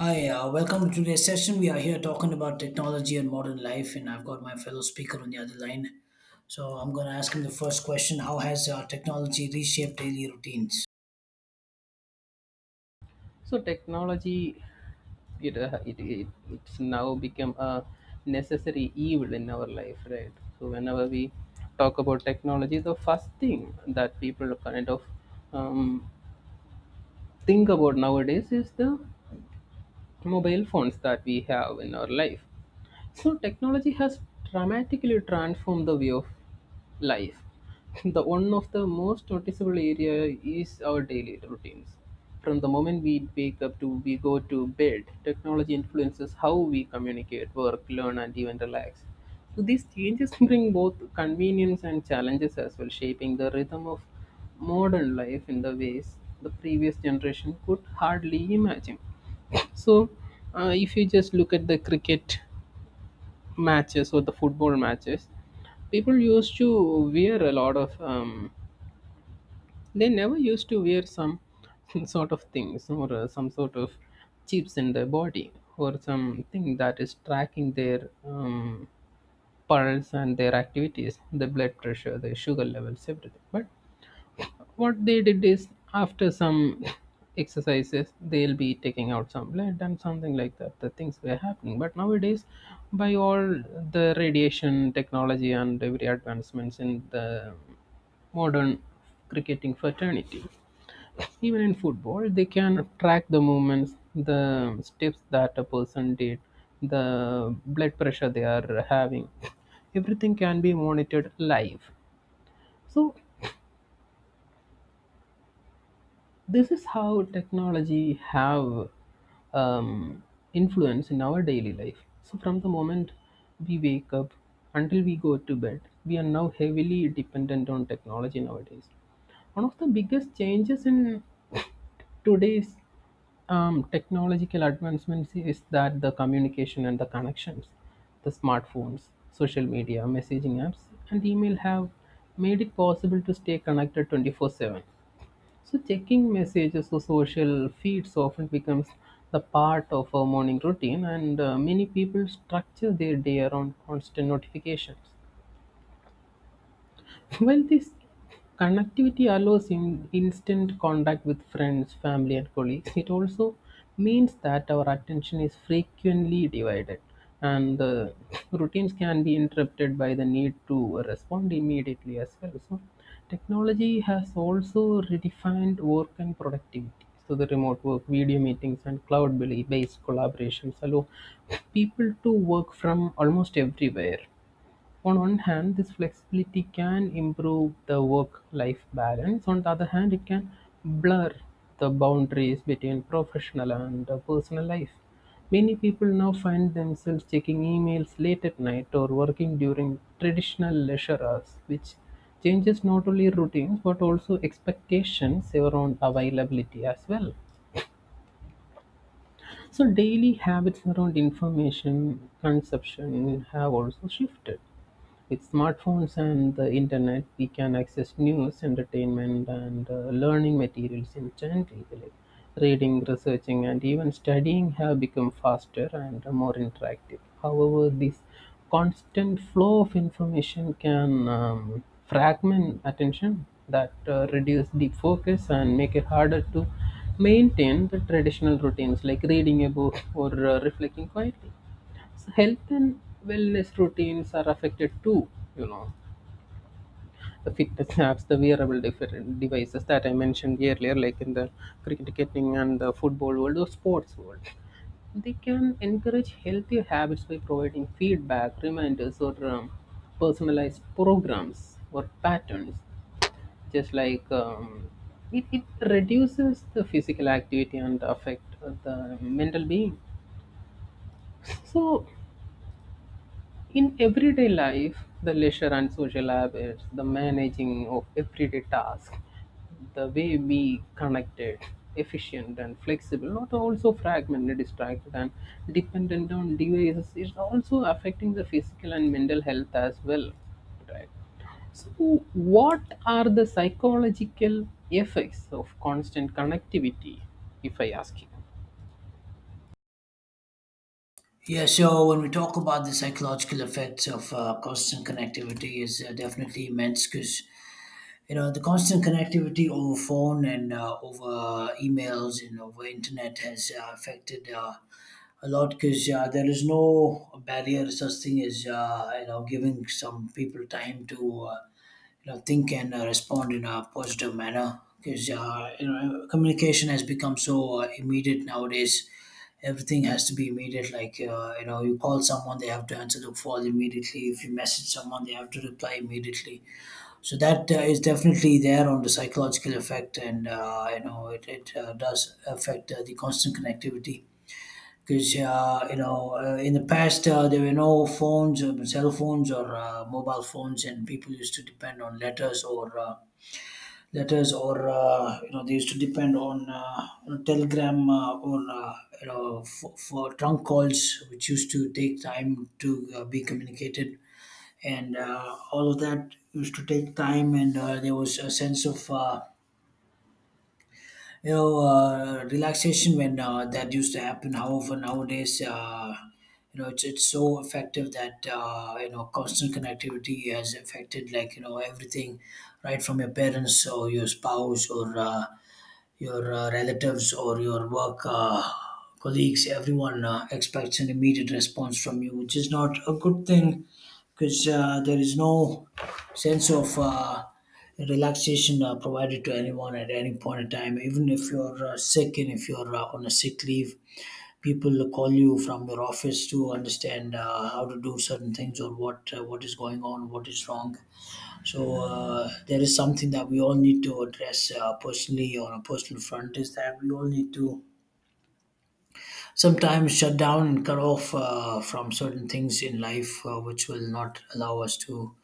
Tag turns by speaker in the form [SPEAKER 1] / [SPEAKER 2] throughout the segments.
[SPEAKER 1] Hi, welcome to today's session. We are here talking about technology and modern life, and I've got my fellow speaker on the other line. So I'm going to ask him the first question. How has technology reshaped daily routines?
[SPEAKER 2] So technology, it's now become a necessary evil in our life, right? So whenever we talk about technology, the first thing that people kind of um, think about nowadays is the mobile phones that we have in our life. So, technology has dramatically transformed the way of life. The one of the most noticeable area is our daily routines. From the moment we wake up to we go to bed, technology influences how we communicate, work, learn, and even relax. So these changes bring both convenience and challenges as well, shaping the rhythm of modern life in the ways the previous generation could hardly imagine. So, if you just look at the cricket matches or the football matches, people used to wear a lot of, they never used to wear some sort of things or some sort of chips in their body or something that is tracking their, pulse and their activities, the blood pressure, the sugar levels, everything. But what they did is, after some exercises, they'll be taking out some lead and something like that, the things were happening. But nowadays, by all the radiation technology and every advancements in the modern cricketing fraternity, even in football, they can track the movements, the steps that a person did, the blood pressure they are having. Everything can be monitored live. So this is how technology have, um, influence in our daily life. So from the moment we wake up until we go to bed, we are now heavily dependent on technology nowadays. One of the biggest changes in today's technological advancements is that the communication and the connections, the smartphones, social media, messaging apps, and email have made it possible to stay connected 24/7. So checking messages or social feeds often becomes the part of our morning routine, and many people structure their day around constant notifications. Well, this connectivity allows in instant contact with friends, family, and colleagues. It also means that our attention is frequently divided, and the routines can be interrupted by the need to respond immediately as well. So, technology has also redefined work and productivity. So, the remote work, video meetings, and cloud based collaborations allow people to work from almost everywhere. On one hand, this flexibility can improve the work-life balance. On the other hand, it can blur the boundaries between professional and personal life. Many people now find themselves checking emails late at night or working during traditional leisure hours, which changes not only routines but also expectations around availability as well. So, daily habits around information consumption have also shifted. With smartphones and the internet, we can access news, entertainment, and learning materials instantly. Like reading, researching, and even studying have become faster and more interactive. However, this constant flow of information can fragment attention, that reduce deep focus, and make it harder to maintain the traditional routines like reading a book or reflecting quietly. So health and wellness routines are affected too, you know, the fitness apps, the wearable different devices that I mentioned earlier, like in the cricketing and the football world or sports world, they can encourage healthier habits by providing feedback, reminders, or personalized programs or patterns. Just like, it reduces the physical activity and affect the mental being. So in everyday life, the leisure and social habits, the managing of everyday tasks, the way we connected, efficient and flexible, not also fragmented, distracted and dependent on devices, is also affecting the physical and mental health as well. Right. So, what are the psychological effects of constant connectivity, if I ask you?
[SPEAKER 1] Yeah, so when we talk about the psychological effects of constant connectivity, is definitely immense, because you know, the constant connectivity over phone and over emails and over internet has affected a lot, because there is no barrier, such thing as you know, giving some people time to you know, think and respond in a positive manner, because you know, communication has become so immediate nowadays. Everything has to be immediate. Like you know, you call someone, they have to answer the call immediately. If you message someone, they have to reply immediately. So that is definitely there on the psychological effect, and you know, it does affect the constant connectivity, because you know, in the past, there were no phones or cell phones or mobile phones, and people used to depend on letters, or you know, they used to depend on you know, telegram, or you know, for trunk calls, which used to take time to be communicated, and all of that used to take time, and there was a sense of you know, relaxation when that used to happen. However, nowadays, you know, it's so effective that you know, constant connectivity has affected, like you know, everything, right from your parents or your spouse or your relatives or your work colleagues. Everyone expects an immediate response from you, which is not a good thing, because there is no sense of relaxation provided to anyone at any point in time. Even if you're sick and if you're on a sick leave, people call you from your office to understand how to do certain things, or what is going on, what is wrong. So there is something that we all need to address personally, on a personal front, is that we all need to sometimes shut down and cut off from certain things in life, which will not allow us to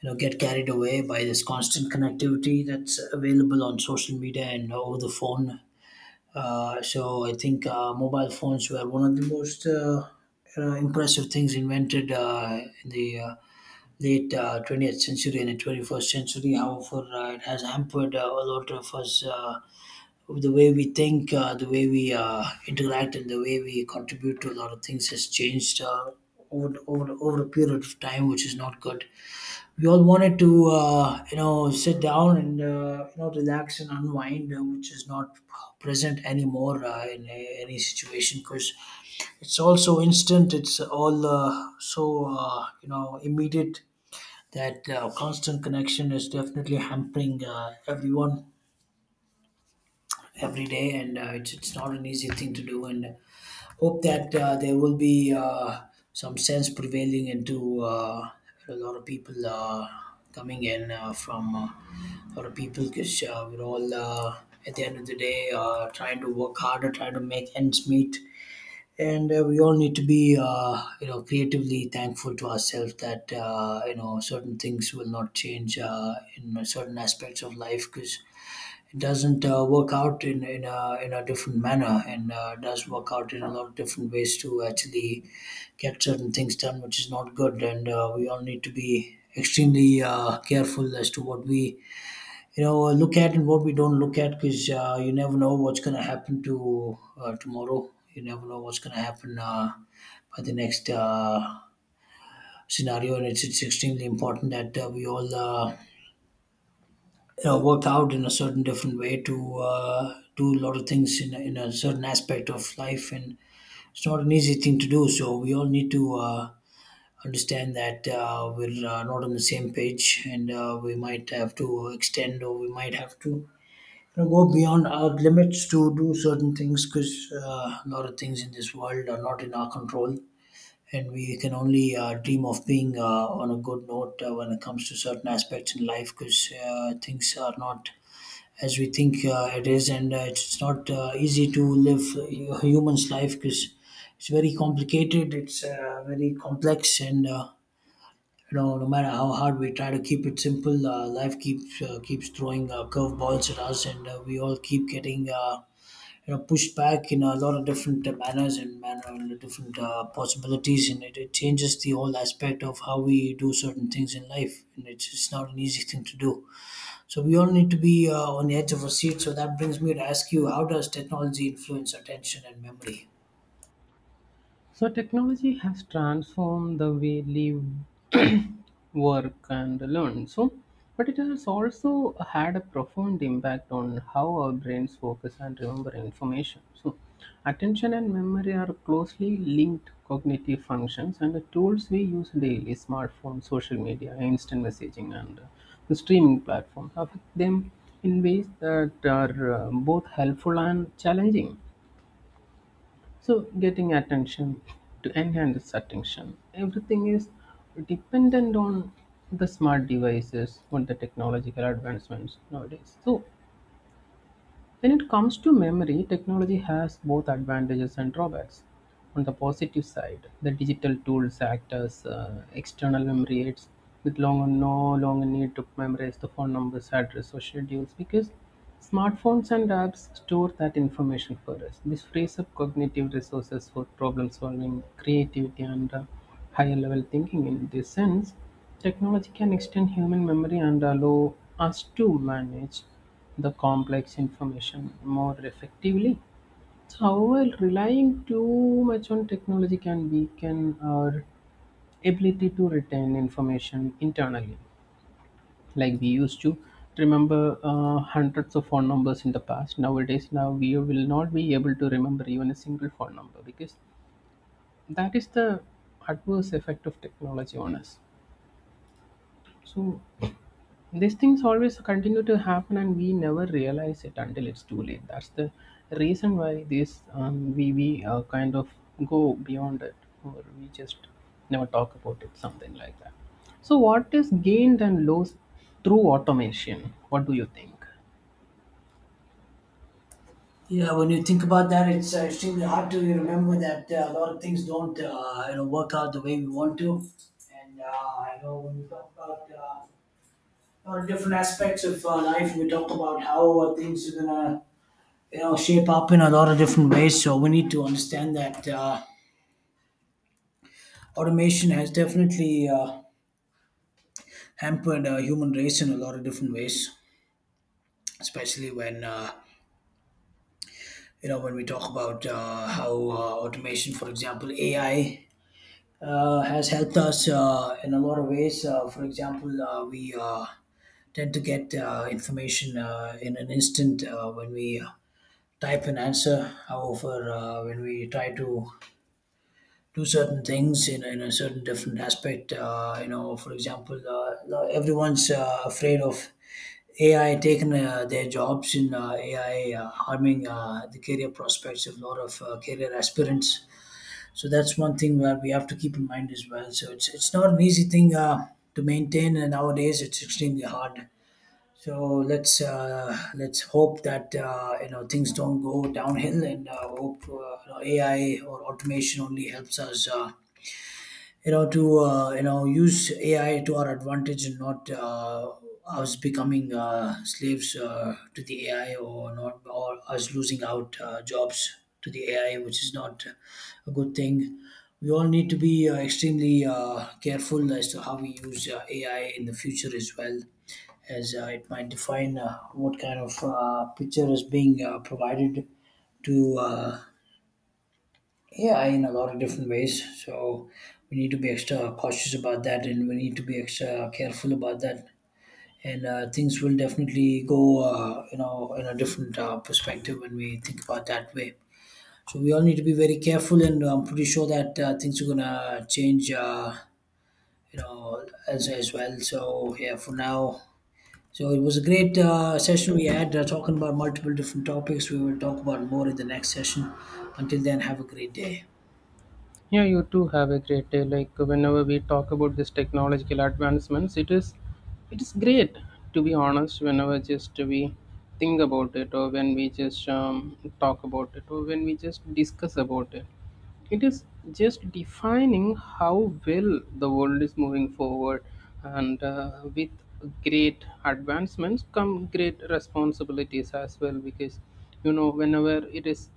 [SPEAKER 1] you know, get carried away by this constant connectivity that's available on social media and over the phone. So I think mobile phones were one of the most you know, impressive things invented in the late 20th century and the 21st century. However, it has hampered a lot of us with the way we think, the way we interact, and the way we contribute to a lot of things has changed. Over a period of time, which is not good. We all wanted to, you know, sit down and you know, relax and unwind, which is not present anymore in any situation. Because it's also instant. It's all so you know, immediate, that constant connection is definitely hampering everyone every day, and it's not an easy thing to do, and hope that there will be some sense prevailing into a lot of people coming in from a lot of people, because we're all at the end of the day trying to work harder, trying to make ends meet, and we all need to be you know, creatively thankful to ourselves that you know, certain things will not change in certain aspects of life, because it doesn't work out in a different manner, and does work out in a lot of different ways to actually get certain things done, which is not good, and we all need to be extremely careful as to what we you know, look at and what we don't look at, because you never know what's going to happen to tomorrow. You never know what's going to happen by the next scenario, and it's extremely important that we all you know, work out in a certain different way to do a lot of things in a certain aspect of life, and it's not an easy thing to do. So we all need to understand that we're not on the same page, and we might have to extend, or we might have to you know, go beyond our limits to do certain things, because a lot of things in this world are not in our control, and we can only dream of being on a good note when it comes to certain aspects in life, because things are not as we think it is, and it's not easy to live a human's life, because it's very complicated, it's very complex, and you know, no matter how hard we try to keep it simple, life keeps keeps throwing curveballs at us, and we all keep getting you know, pushed back in a lot of different manners and manner, and different possibilities, and it changes the whole aspect of how we do certain things in life, and it's not an easy thing to do. So we all need to be on the edge of our seat. So that brings me to ask you, how does technology influence attention and memory?
[SPEAKER 2] So technology has transformed the way live, work, and learn. So, but it has also had a profound impact on how our brains focus and remember information. So, attention and memory are closely linked cognitive functions, and the tools we use daily, smartphones, social media, instant messaging, and the streaming platforms affect them in ways that are both helpful and challenging. So, getting attention to enhance attention, everything is dependent on the smart devices, on the technological advancements nowadays. So, when it comes to memory, technology has both advantages and drawbacks. On the positive side, the digital tools act as external memory aids. With long no longer need to memorize the phone numbers, address, or schedules, because smartphones and apps store that information for us. This frees up cognitive resources for problem solving, creativity, and higher level thinking. In this sense, technology can extend human memory and allow us to manage the complex information more effectively. So, however, relying too much on technology can weaken our ability to retain information internally. Like we used to remember hundreds of phone numbers in the past. Nowadays, now we will not be able to remember even a single phone number, because that is the adverse effect of technology on us. So, these things always continue to happen and we never realize it until it's too late. That's the reason why this, we kind of go beyond it, or we just never talk about it, something like that. So what is gained and lost through automation, what do you think?
[SPEAKER 1] Yeah, when you think about that, it's extremely hard to remember that a lot of things don't, you know, work out the way we want to. And I know when we talk about a lot of different aspects of life, we talk about how things are gonna, you know, shape up in a lot of different ways. So we need to understand that automation has definitely hampered human race in a lot of different ways, especially when. You know, when we talk about how automation, for example, AI has helped us in a lot of ways. For example, we tend to get information in an instant when we type an answer. However, when we try to do certain things in a certain different aspect, you know, for example, now everyone's afraid of AI taking their jobs, in AI harming the career prospects of a lot of career aspirants, so that's one thing where we have to keep in mind as well. So it's not an easy thing to maintain, and nowadays it's extremely hard. So let's hope that you know, things don't go downhill, and hope you know, AI or automation only helps us. You know, to you know, use AI to our advantage and not us becoming slaves to the AI, or not, or us losing out jobs to the AI, which is not a good thing. We all need to be extremely careful as to how we use AI in the future as well, as it might define what kind of picture is being provided to yeah, in a lot of different ways. So we need to be extra cautious about that, and we need to be extra careful about that. And things will definitely go, you know, in a different perspective when we think about that way. So we all need to be very careful, and I'm pretty sure that things are gonna change, you know, as well. So yeah, for now. So it was a great session we had, talking about multiple different topics. We will talk about more in the next session. Until then, have a great day.
[SPEAKER 2] Yeah, you too, have a great day. Like whenever we talk about this technological advancements, it is great to be honest. Whenever just we think about it, or when we just talk about it, or when we just discuss about it, it is just defining how well the world is moving forward, and with great advancements come great responsibilities as well. Because you know, whenever it is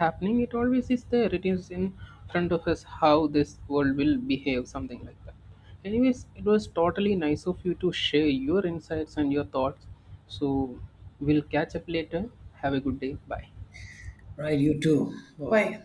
[SPEAKER 2] happening, it always is there, it is in front of us how this world will behave, something like that. Anyways, it was totally nice of you to share your insights and your thoughts, so we'll catch up later. Have a good day, bye.
[SPEAKER 1] Right, you too. Bye. Bye.